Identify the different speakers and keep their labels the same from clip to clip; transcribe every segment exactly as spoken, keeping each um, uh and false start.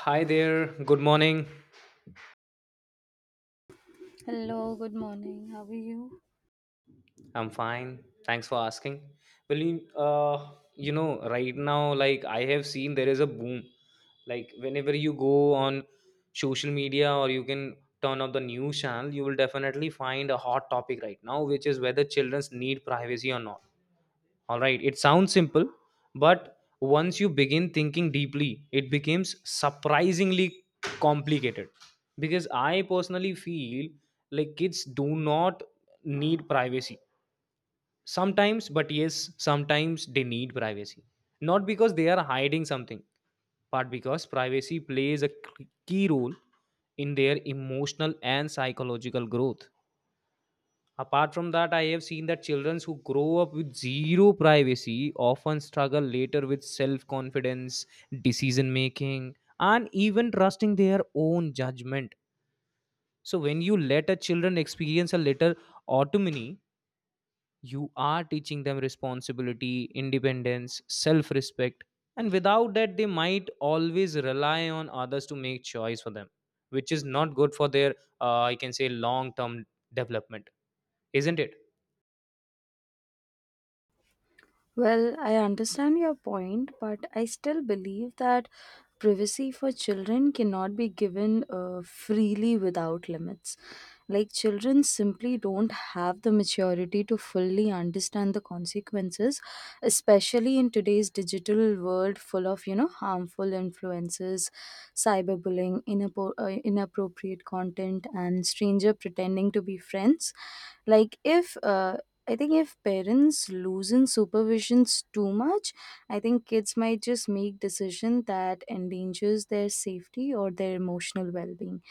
Speaker 1: Hi there. Good morning.
Speaker 2: Hello, good morning. How are you?
Speaker 1: I'm fine. Thanks for asking. Well, you, uh, you know, right now, like I have seen, there is a boom. Like whenever you go on social media or you can turn up the news channel, you will definitely find a hot topic right now, which is whether children need privacy or not. All right, it sounds simple, but once you begin thinking deeply, it becomes surprisingly complicated. Because I personally feel like kids do not need privacy. Sometimes, but yes, sometimes they need privacy. Not because they are hiding something, but because privacy plays a key role in their emotional and psychological growth. Apart from that, I have seen that children who grow up with zero privacy often struggle later with self confidence, decision making, and even trusting their own judgment. So, when you let a children experience a little autonomy, you are teaching them responsibility, independence, self respect, and without that, they might always rely on others to make choice for them, which is not good for their, uh, I can say, long term development, isn't it?
Speaker 2: Well, I understand your point, but I still believe that privacy for children cannot be given uh, freely without limits. Like, children simply don't have the maturity to fully understand the consequences, especially in today's digital world full of, you know, harmful influences, cyberbullying, inappo- uh, inappropriate content, and stranger pretending to be friends like if uh, I think if parents loosen supervisions too much, I think kids might just make decision that endangers their safety or their emotional well-being.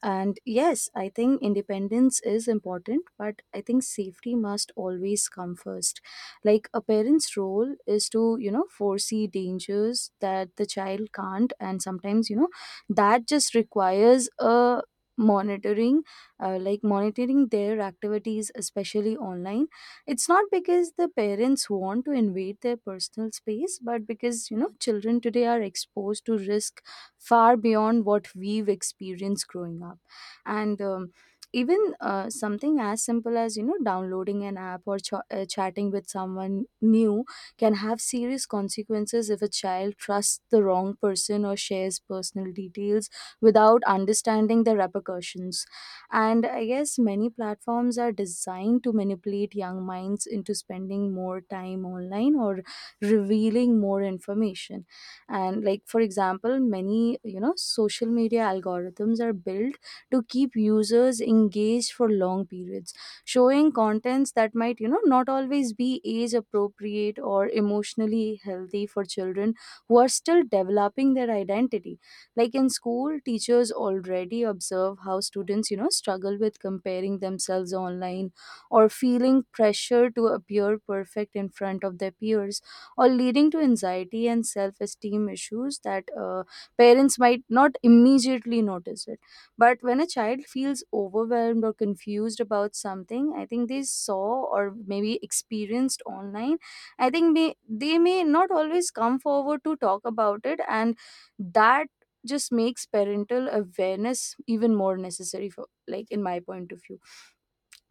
Speaker 2: And yes, I think independence is important, but I think safety must always come first. Like a parent's role is to, you know, foresee dangers that the child can't, and sometimes, you know, that just requires a monitoring uh, like monitoring their activities especially online. It's not because the parents want to invade their personal space, but because, you know, children today are exposed to risk far beyond what we've experienced growing up. And, um, even uh, something as simple as you know downloading an app or ch- uh, chatting with someone new can have serious consequences if a child trusts the wrong person or shares personal details without understanding the repercussions. And I guess many platforms are designed to manipulate young minds into spending more time online or revealing more information. And like for example, many you know social media algorithms are built to keep users engaged for long periods, showing contents that might you know not always be age appropriate or emotionally healthy for children who are still developing their identity. Like in school, teachers already observe how students, you know, struggle with comparing themselves online or feeling pressure to appear perfect in front of their peers or leading to anxiety and self-esteem issues that uh, parents might not immediately notice it. But when a child feels overwhelmed or confused about something, I think they saw or maybe experienced online, I think may, they may not always come forward to talk about it. And that just makes parental awareness even more necessary for like in my point of view.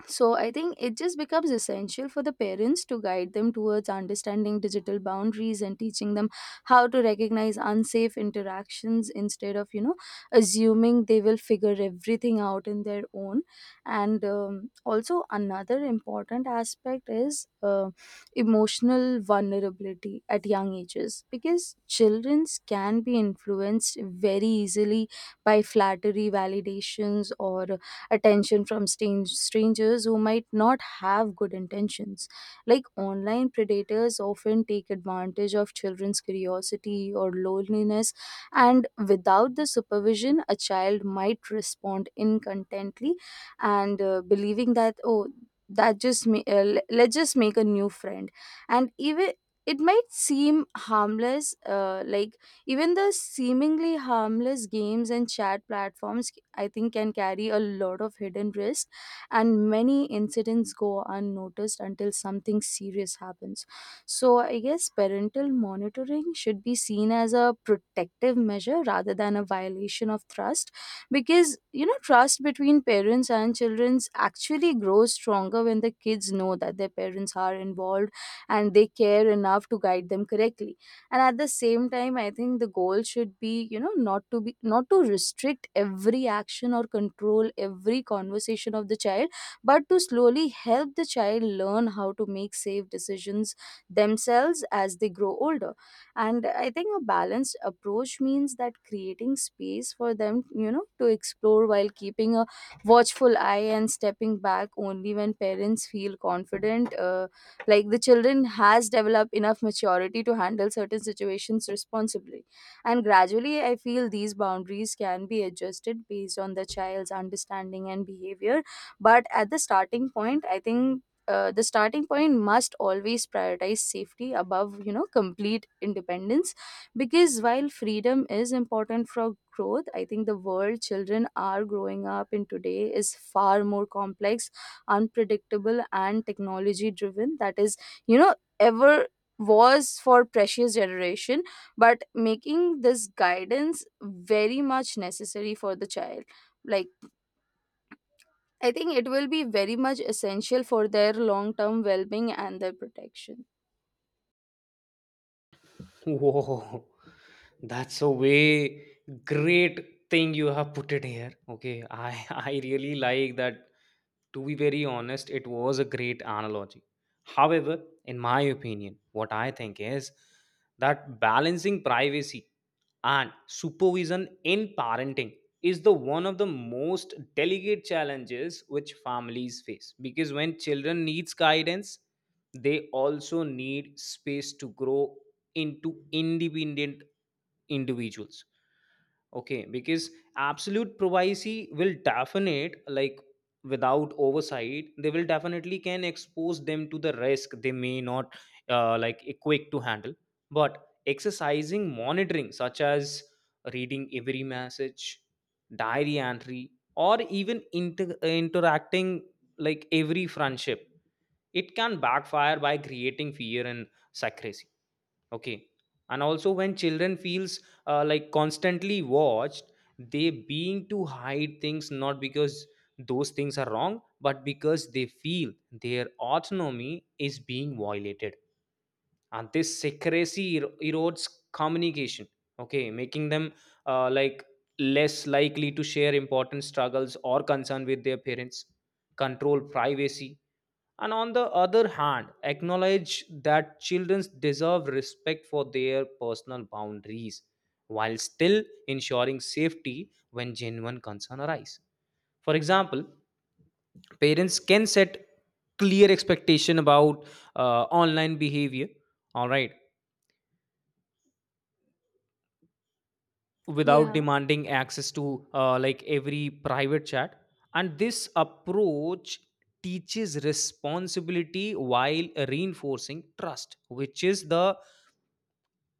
Speaker 2: So I think it just becomes essential for the parents to guide them towards understanding digital boundaries and teaching them how to recognize unsafe interactions instead of you know assuming they will figure everything out in their own. And um, also another important aspect is uh, emotional vulnerability at young ages, because children can be influenced very easily by flattery, validations, or attention from stan- strangers who might not have good intentions. Like online predators often take advantage of children's curiosity or loneliness, and without the supervision, a child might respond incontently and uh, believing that, oh, that just ma- uh, le- let's just make a new friend. And even it might seem harmless uh, like even the seemingly harmless games and chat platforms, I think, can carry a lot of hidden risks, and many incidents go unnoticed until something serious happens. So, I guess parental monitoring should be seen as a protective measure rather than a violation of trust, because you know trust between parents and children actually grows stronger when the kids know that their parents are involved and they care enough to guide them correctly. And at the same time, I think the goal should be you know not to be not to restrict every action or control every conversation of the child, but to slowly help the child learn how to make safe decisions themselves as they grow older. And I think a balanced approach means that creating space for them you know to explore while keeping a watchful eye and stepping back only when parents feel confident uh, like the children has developed enough maturity to handle certain situations responsibly. And gradually I feel these boundaries can be adjusted based on the child's understanding and behavior, but at the starting point I think uh, the starting point must always prioritize safety above you know complete independence, because while freedom is important for growth, I think the world children are growing up in today is far more complex, unpredictable and technology driven that is you know ever was for precious generation, but making this guidance very much necessary for the child. Like, I think it will be very much essential for their long term well being and their protection.
Speaker 1: Whoa, that's a way great thing you have put it here. Okay, I I really like that. To be very honest, it was a great analogy. However, in my opinion, what I think is that balancing privacy and supervision in parenting is the one of the most delicate challenges which families face because when children needs guidance they also need space to grow into independent individuals. Okay, because absolute privacy will definite like without oversight, they will definitely can expose them to the risk they may not uh, like equipped to handle. But exercising monitoring, such as reading every message, diary entry, or even inter- interacting like every friendship, it can backfire by creating fear and secrecy. Okay. And also when children feels uh, like constantly watched, they being to hide things not because those things are wrong, but because they feel their autonomy is being violated. And this secrecy er- erodes communication. Okay, making them uh, like less likely to share important struggles or concern with their parents. Control privacy and on the other hand, acknowledge that children deserve respect for their personal boundaries while still ensuring safety when genuine concern arise. For example, parents can set clear expectation about uh, online behavior, all right, without
Speaker 2: Yeah.
Speaker 1: demanding access to uh, like every private chat. And this approach teaches responsibility while reinforcing trust, which is the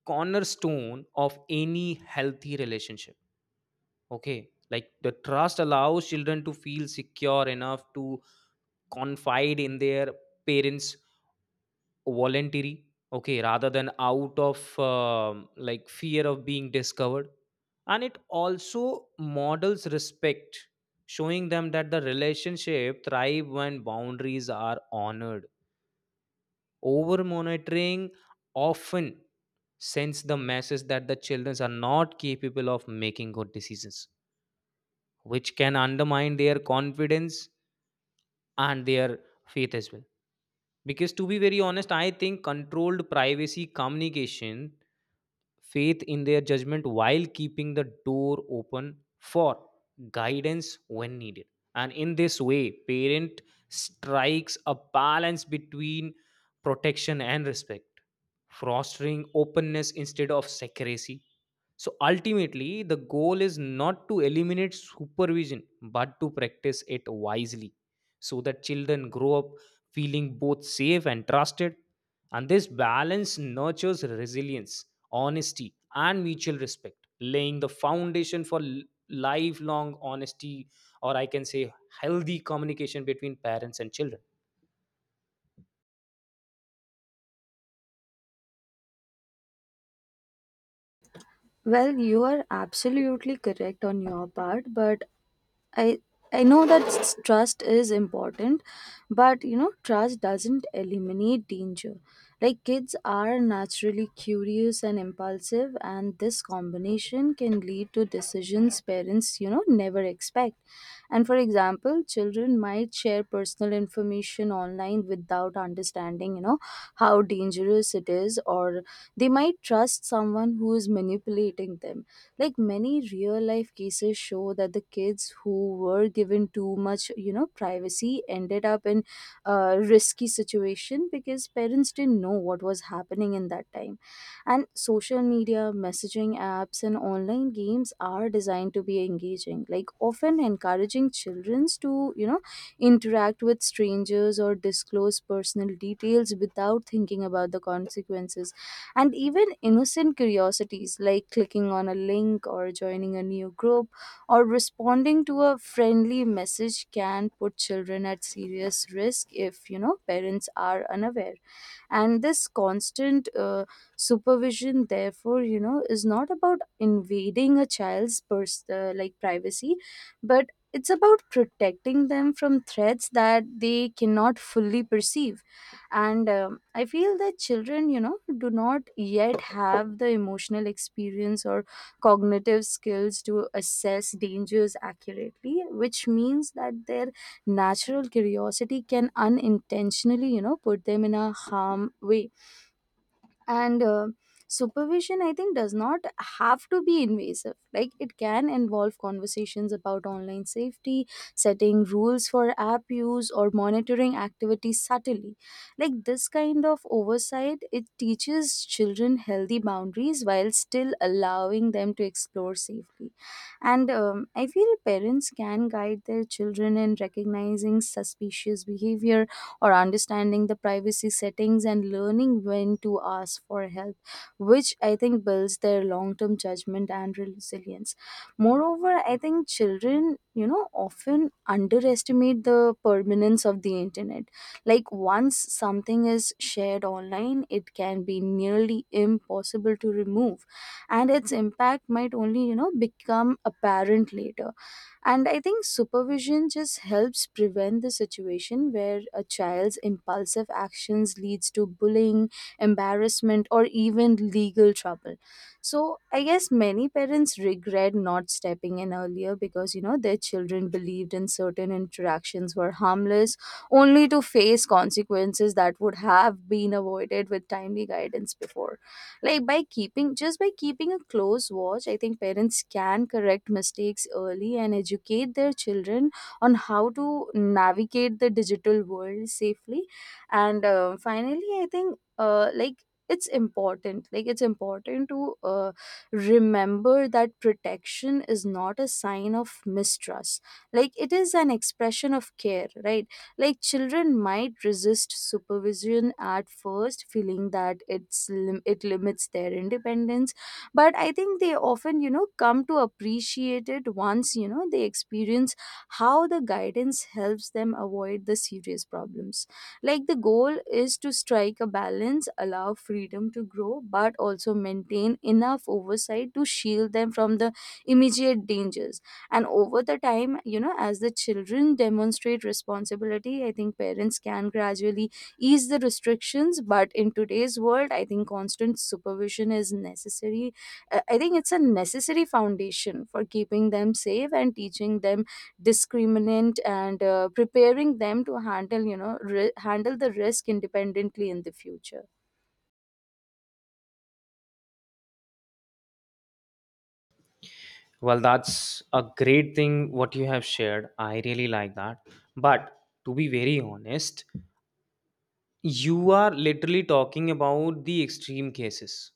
Speaker 1: cornerstone of any healthy relationship. Okay, like the trust allows children to feel secure enough to confide in their parents voluntarily. Okay, rather than out of um, like fear of being discovered, and it also models respect, showing them that the relationship thrive when boundaries are honored. Over monitoring often sends the message that the children are not capable of making good decisions, which can undermine their confidence and their faith as well. Because to be very honest, I think controlled privacy communication faith in their judgment while keeping the door open for guidance when needed. And in this way, parent strikes a balance between protection and respect, fostering openness instead of secrecy. So ultimately, the goal is not to eliminate supervision, but to practice it wisely so that children grow up feeling both safe and trusted. And this balance nurtures resilience, honesty, and mutual respect, laying the foundation for l- lifelong honesty, or I can say healthy communication between parents and children.
Speaker 2: Well, you are absolutely correct on your part, but I I know that s- trust is important, but you know, trust doesn't eliminate danger. Like kids are naturally curious and impulsive, and this combination can lead to decisions parents, you know, never expect. And for example, children might share personal information online without understanding, you know, how dangerous it is, or they might trust someone who is manipulating them. Like many real life cases show that the kids who were given too much you know privacy ended up in a risky situation because parents didn't know what was happening in that time. And social media messaging apps and online games are designed to be engaging, like often encouraging children to you know interact with strangers or disclose personal details without thinking about the consequences. And even innocent curiosities like clicking on a link or joining a new group or responding to a friendly message can put children at serious risk if you know parents are unaware. And this constant uh, supervision therefore you know is not about invading a child's pers- uh, like privacy, but it's about protecting them from threats that they cannot fully perceive. And um, i feel that children you know do not yet have the emotional experience or cognitive skills to assess dangers accurately, which means that their natural curiosity can unintentionally you know put them in a harm way. And uh, supervision I think does not have to be invasive. Like it can involve conversations about online safety, setting rules for app use or monitoring activities subtly. Like this kind of oversight, it teaches children healthy boundaries while still allowing them to explore safely. And um, i feel parents can guide their children in recognizing suspicious behavior or understanding the privacy settings and learning when to ask for help, which I think builds their long term judgment and resilience. Moreover, I think children, you know, often underestimate the permanence of the internet. Like, once something is shared online, it can be nearly impossible to remove, and its impact might only, you know, become apparent later. And I think supervision just helps prevent the situation where a child's impulsive actions leads to bullying, embarrassment or even legal trouble. So I guess many parents regret not stepping in earlier, because you know their children believed in certain interactions were harmless only to face consequences that would have been avoided with timely guidance before. Like by keeping just by keeping a close watch, I think parents can correct mistakes early and educate their children on how to navigate the digital world safely. And uh, finally i think uh, like it's important like it's important to uh, remember that protection is not a sign of mistrust. Like it is an expression of care, right? Like children might resist supervision at first, feeling that it's lim- it limits their independence, but I think they often, you know, come to appreciate it once, you know, they experience how the guidance helps them avoid the serious problems. Like the goal is to strike a balance, allow freedom to grow, but also maintain enough oversight to shield them from the immediate dangers. And over the time, you know as the children demonstrate responsibility, I think parents can gradually ease the restrictions, but in today's world I think constant supervision is necessary. Uh, i think it's a necessary foundation for keeping them safe and teaching them discriminant and uh, preparing them to handle you know ri- handle the risk independently in the future.
Speaker 1: Well, that's a great thing what you have shared. I really like that. But to be very honest, you are literally talking about the extreme cases.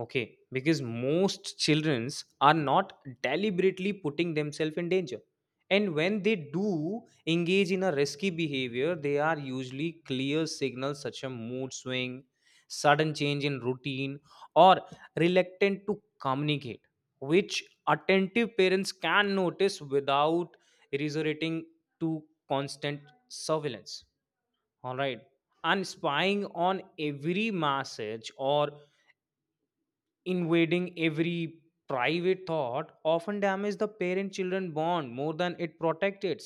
Speaker 1: Okay, because most childrens are not deliberately putting themselves in danger. And when they do engage in a risky behavior, they are usually clear signals such as mood swing, sudden change in routine, or reluctant to communicate, which attentive parents can notice without resorting to constant surveillance. All right. And spying on every message or invading every private thought often damage the parent children bond more than it protects it,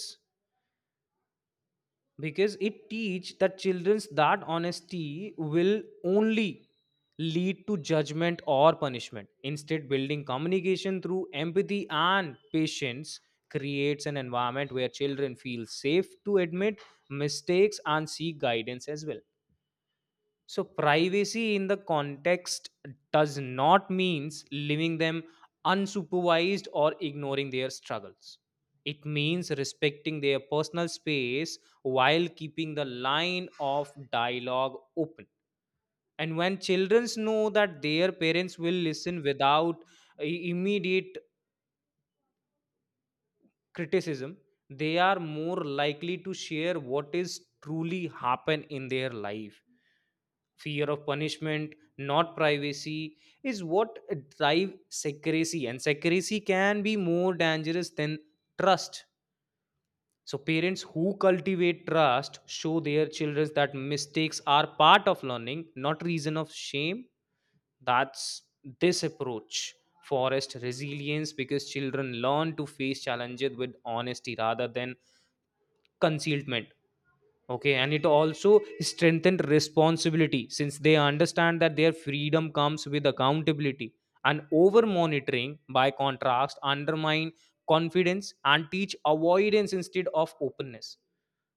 Speaker 1: because it teach the children that honesty will only lead to judgment or punishment. Instead building communication through empathy and patience creates an environment where children feel safe to admit mistakes and seek guidance as well. So privacy in the context does not means leaving them unsupervised or ignoring their struggles. It means respecting their personal space while keeping the line of dialogue open. And when children know that their parents will listen without i- immediate criticism, they are more likely to share what is truly happen in their life. Fear of punishment, not privacy, is what drive secrecy, and secrecy can be more dangerous than trust. So parents who cultivate trust show their children that mistakes are part of learning, not reason of shame. That's this approach forest resilience because children learn to face challenges with honesty rather than concealment. Okay, and it also strengthened responsibility since they understand that their freedom comes with accountability. And over monitoring, by contrast, undermine confidence and teach avoidance instead of openness.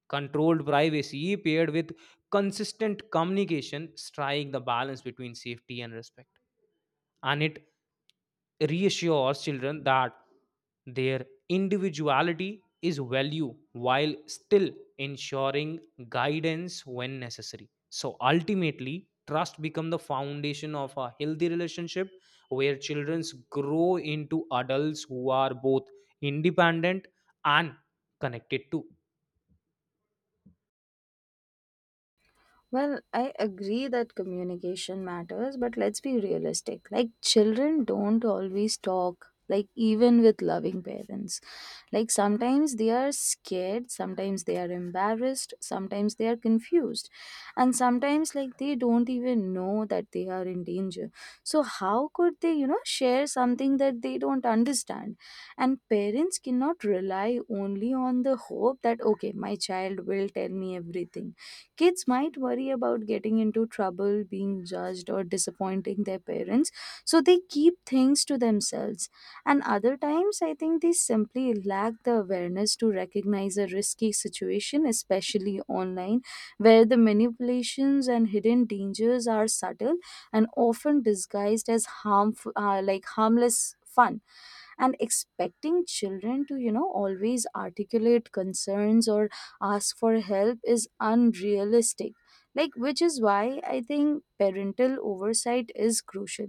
Speaker 1: Controlled privacy paired with consistent communication, strike the balance between safety and respect, and it reassures children that their individuality is value while still ensuring guidance when necessary. So ultimately trust become the foundation of a healthy relationship where children grow into adults who are both independent and connected too.
Speaker 2: Well, I agree that communication matters, but let's be realistic. Like, children don't always talk, like, even with loving parents. Like, sometimes they are scared, sometimes they are embarrassed, sometimes they are confused, and sometimes, like, they don't even know that they are in danger. So, how could they, you know, share something that they don't understand? And parents cannot rely only on the hope that, okay, my child will tell me everything. Kids might worry about getting into trouble, being judged, or disappointing their parents, so they keep things to themselves. And other times, I think they simply lack the awareness to recognize a risky situation, especially online, where the manipulations and hidden dangers are subtle and often disguised as harmful, uh, like harmless fun and expecting children to you know always articulate concerns or ask for help is unrealistic, like which is why I think parental oversight is crucial.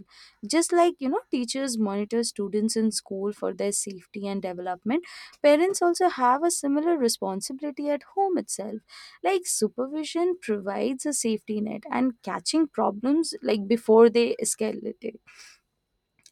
Speaker 2: Just like, you know, teachers monitor students in school for their safety and development, parents also have a similar responsibility at home itself, like supervision provides a safety net and catching problems like before they escalate.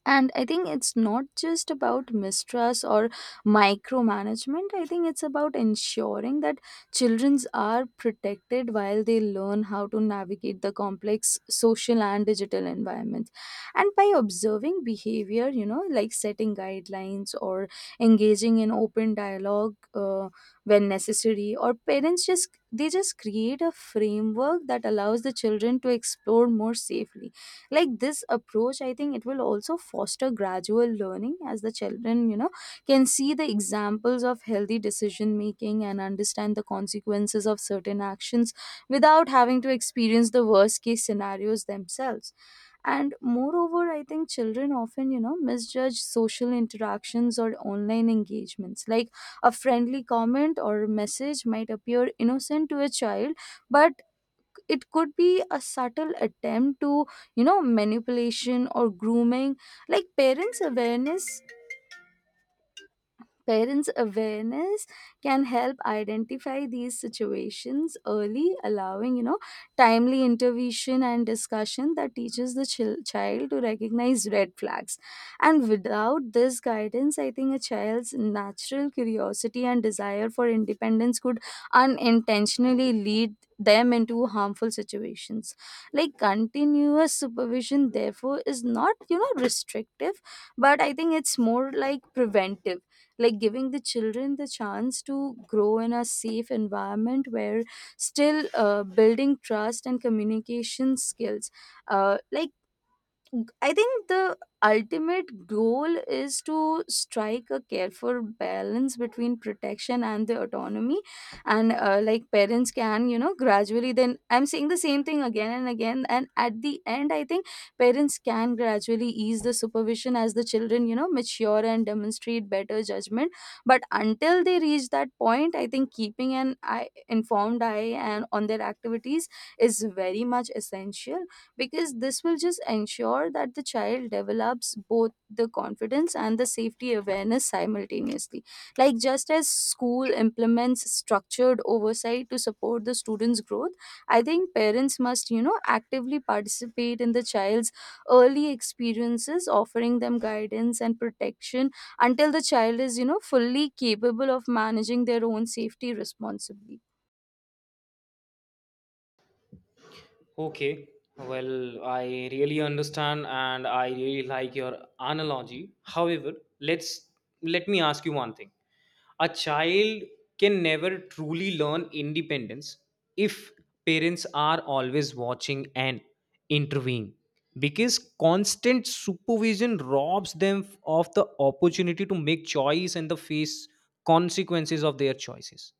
Speaker 2: And I think it's not just about mistrust or micromanagement. I think it's about ensuring that children are protected while they learn how to navigate the complex social and digital environments. And by observing behavior, you know, like setting guidelines or engaging in open dialogue uh, when necessary, or parents just they just create a framework that allows the children to explore more safely. Like this approach, I think it will also foster gradual learning as the children, you know, can see the examples of healthy decision making and understand the consequences of certain actions without having to experience the worst case scenarios themselves. And moreover, I think children often, you know, misjudge social interactions or online engagements. Like a friendly comment or message might appear innocent to a child, but it could be a subtle attempt to, you know manipulation or grooming. like parents awareness Parents' awareness can help identify these situations early, allowing, you know, timely intervention and discussion that teaches the chil- child to recognize red flags. And without this guidance, I think a child's natural curiosity and desire for independence could unintentionally lead them into harmful situations. Like continuous supervision therefore is not, you know, restrictive, but I think it's more like preventive, like giving the children the chance to grow in a safe environment where still uh, building trust and communication skills. uh, like I think the ultimate goal is to strike a careful balance between protection and the autonomy. And uh, like parents can, you know, gradually then I'm saying the same thing again and again. And at the end, I think parents can gradually ease the supervision as the children, you know, mature and demonstrate better judgment. But until they reach that point, I think keeping an eye, informed eye and on their activities is very much essential, because this will just ensure that the child develops both the confidence and the safety awareness simultaneously. Like just as school implements structured oversight to support the students growth, I think parents must, you know, actively participate in the child's early experiences offering them guidance and protection until the child is, you know, fully capable of managing their own safety responsibly.
Speaker 1: Okay, well, I really understand and I really like your analogy. However, let's let me ask you one thing. A child can never truly learn independence if parents are always watching and intervening, because constant supervision robs them of the opportunity to make choice and the face consequences of their choices.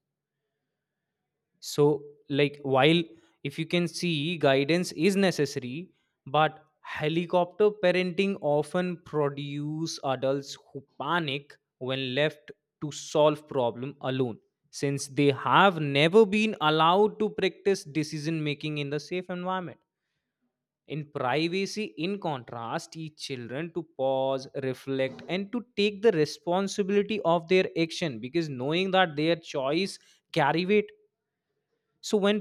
Speaker 1: So like while if you can see guidance is necessary, but helicopter parenting often produce adults who panic when left to solve problem alone since they have never been allowed to practice decision making in the safe environment. In privacy, in contrast, teach children to pause, reflect, and to take the responsibility of their action, because knowing that their choice carry weight. So when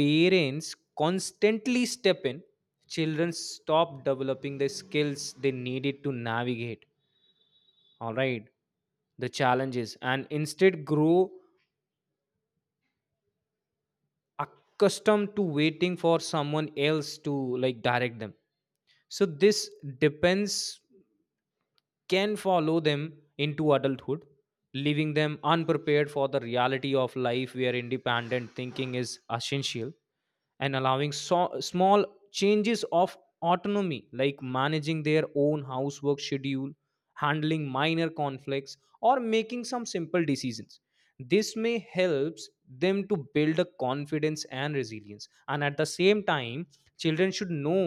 Speaker 1: parents constantly step in, children stop developing the skills they needed to navigate. All right, the challenges, and instead grow accustomed to waiting for someone else to like direct them. So this depends can follow them into adulthood, leaving them unprepared for the reality of life where independent thinking is essential. And allowing so- small changes of autonomy like managing their own housework schedule, handling minor conflicts, or making some simple decisions, this may helps them to build a confidence and resilience. And at the same time, children should know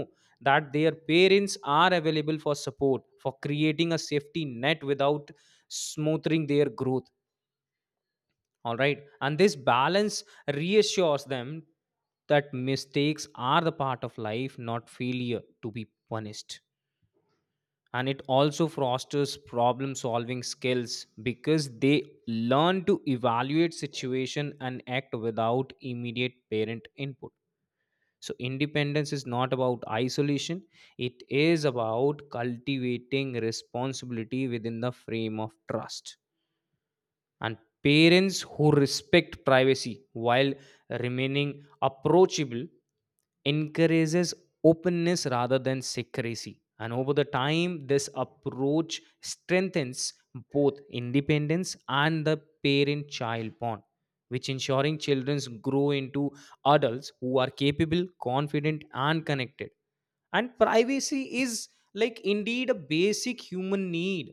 Speaker 1: that their parents are available for support, for creating a safety net without smothering their growth. All right, and this balance reassures them that mistakes are the part of life, not failure to be punished. And it also fosters problem solving skills because they learn to evaluate situation and act without immediate parent input. So independence is not about isolation, it is about cultivating responsibility within the frame of trust. And parents who respect privacy while remaining approachable encourages openness rather than secrecy. And over the time this approach strengthens both independence and the parent child bond, which ensuring children grow into adults who are capable, confident, and connected. And privacy is like indeed a basic human need,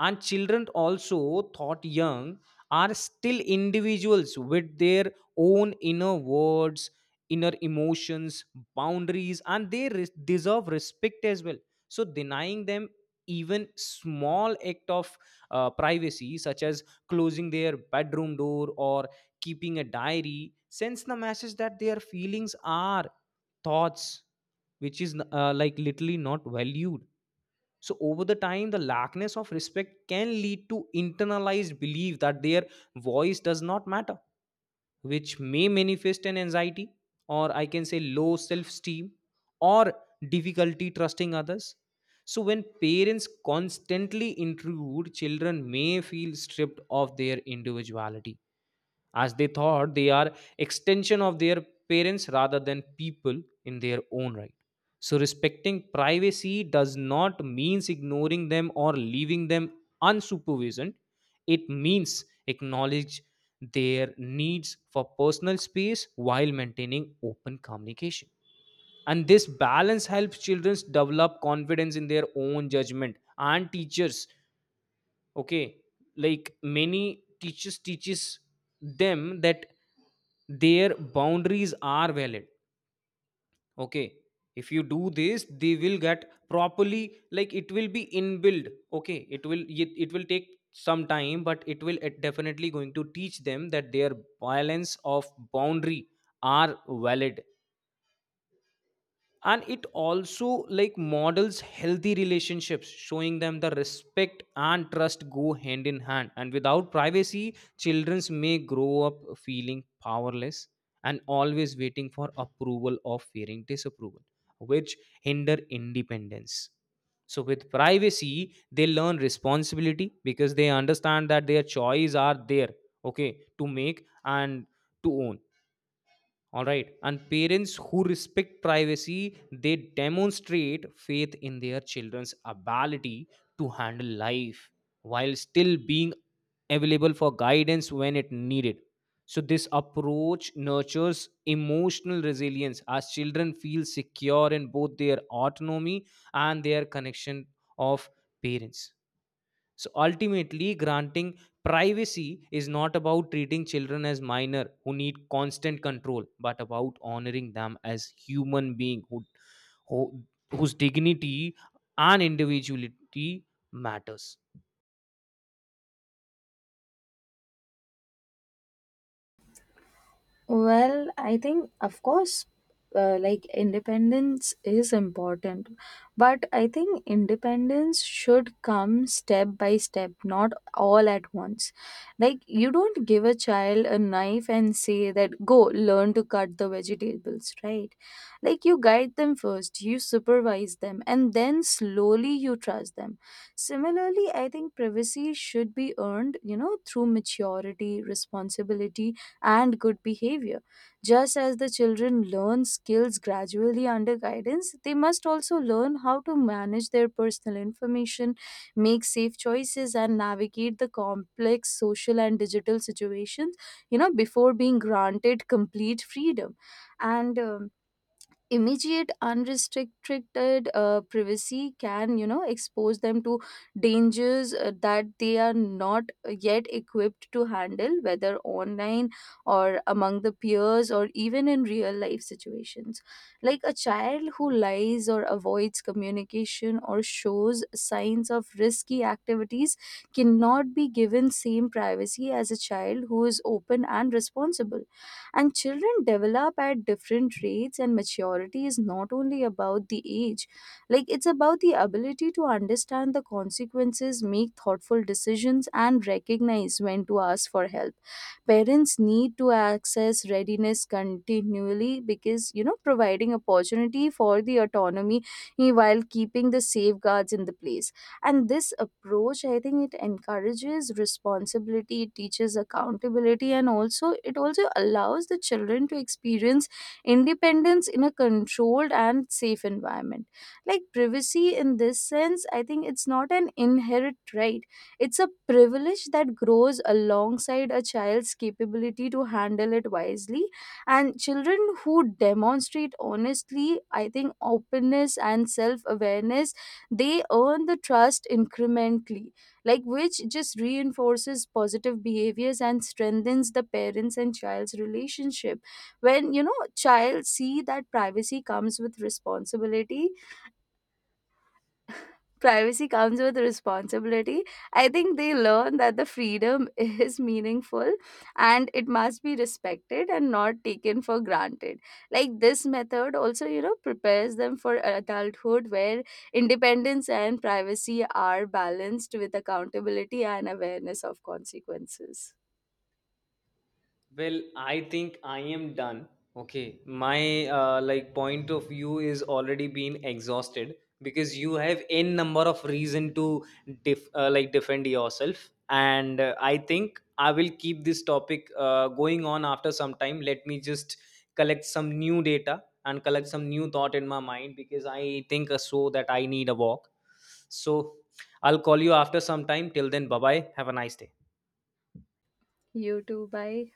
Speaker 1: and children also thought young are still individuals with their own inner words, inner emotions, boundaries, and they res- deserve respect as well. So denying them even small act of uh, privacy, such as closing their bedroom door or keeping a diary, sends the message that their feelings are thoughts, which is uh, like literally not valued. So over the time, the lackness of respect can lead to internalized belief that their voice does not matter, which may manifest an anxiety, or I can say low self-esteem, or difficulty trusting others. So when parents constantly intrude, children may feel stripped of their individuality as they thought they are extension of their parents rather than people in their own right. So respecting privacy does not means ignoring them or leaving them unsupervisioned. It means acknowledge their needs for personal space while maintaining open communication. And this balance helps children develop confidence in their own judgment and teachers. Okay, like many teachers teaches them that their boundaries are valid. Okay, if you do this they will get properly, like it will be inbuilt. Okay, it will it, it will take some time, but it will it definitely going to teach them that their violence of boundary are valid. And it also like models healthy relationships, showing them the respect and trust go hand in hand. And without privacy childrens may grow up feeling powerless and always waiting for approval or fearing disapproval, which hinder independence. So with privacy they learn responsibility because they understand that their choice are there, okay, to make and to own. All right. And parents who respect privacy, they demonstrate faith in their children's ability to handle life while still being available for guidance when it needed. So this approach nurtures emotional resilience as children feel secure in both their autonomy and their connection of parents. So ultimately, granting privacy is not about treating children as minor who need constant control, but about honoring them as human being who, who whose dignity and individuality matters.
Speaker 2: Well, I think, of course, uh, like independence is important, but I think independence should come step by step, not all at once. Like, you don't give a child a knife and say that, go learn to cut the vegetables, right? Like, you guide them first, you supervise them, and then slowly you trust them. Similarly, I think privacy should be earned, you know, through maturity, responsibility and good behavior. Just as the children learn skills gradually under guidance, they must also learn how to manage their personal information, make safe choices, and navigate the complex social and digital situations, you know, before being granted complete freedom. And um, immediate unrestricted uh, privacy can, you know, expose them to dangers uh, that they are not yet equipped to handle, whether online or among the peers or even in real life situations. Like a child who lies or avoids communication or shows signs of risky activities cannot be given same privacy as a child who is open and responsible. And children develop at different rates, and maturity is not only about the age, like it's about the ability to understand the consequences, make thoughtful decisions, and recognize when to ask for help. Parents need to access readiness continually because, you know, providing opportunity for the autonomy eh, while keeping the safeguards in the place. And this approach, I think it encourages responsibility, it teaches accountability, and also it also allows the children to experience independence in a controlled and safe environment. Like privacy in this sense, I think it's not an inherent right, it's a privilege that grows alongside a child's capability to handle it wisely. And children who demonstrate honestly, I think, openness and self awareness, they earn the trust incrementally, like which just reinforces positive behaviors and strengthens the parents and child's relationship. When, you know, child see that privacy comes with responsibility privacy comes with responsibility. I think they learn that the freedom is meaningful and it must be respected and not taken for granted. Like this method also, you know, prepares them for adulthood where independence and privacy are balanced with accountability and awareness of consequences.
Speaker 1: Well, I think I am done. Okay, my uh, like point of view is already been exhausted because you have n number of reason to def- uh, like defend yourself, and uh, I think I will keep this topic uh, going on after some time. Let me just collect some new data and collect some new thought in my mind because I think uh, so that I need a walk. So I'll call you after some time. Till then, bye bye. Have a nice day.
Speaker 2: You too, bye.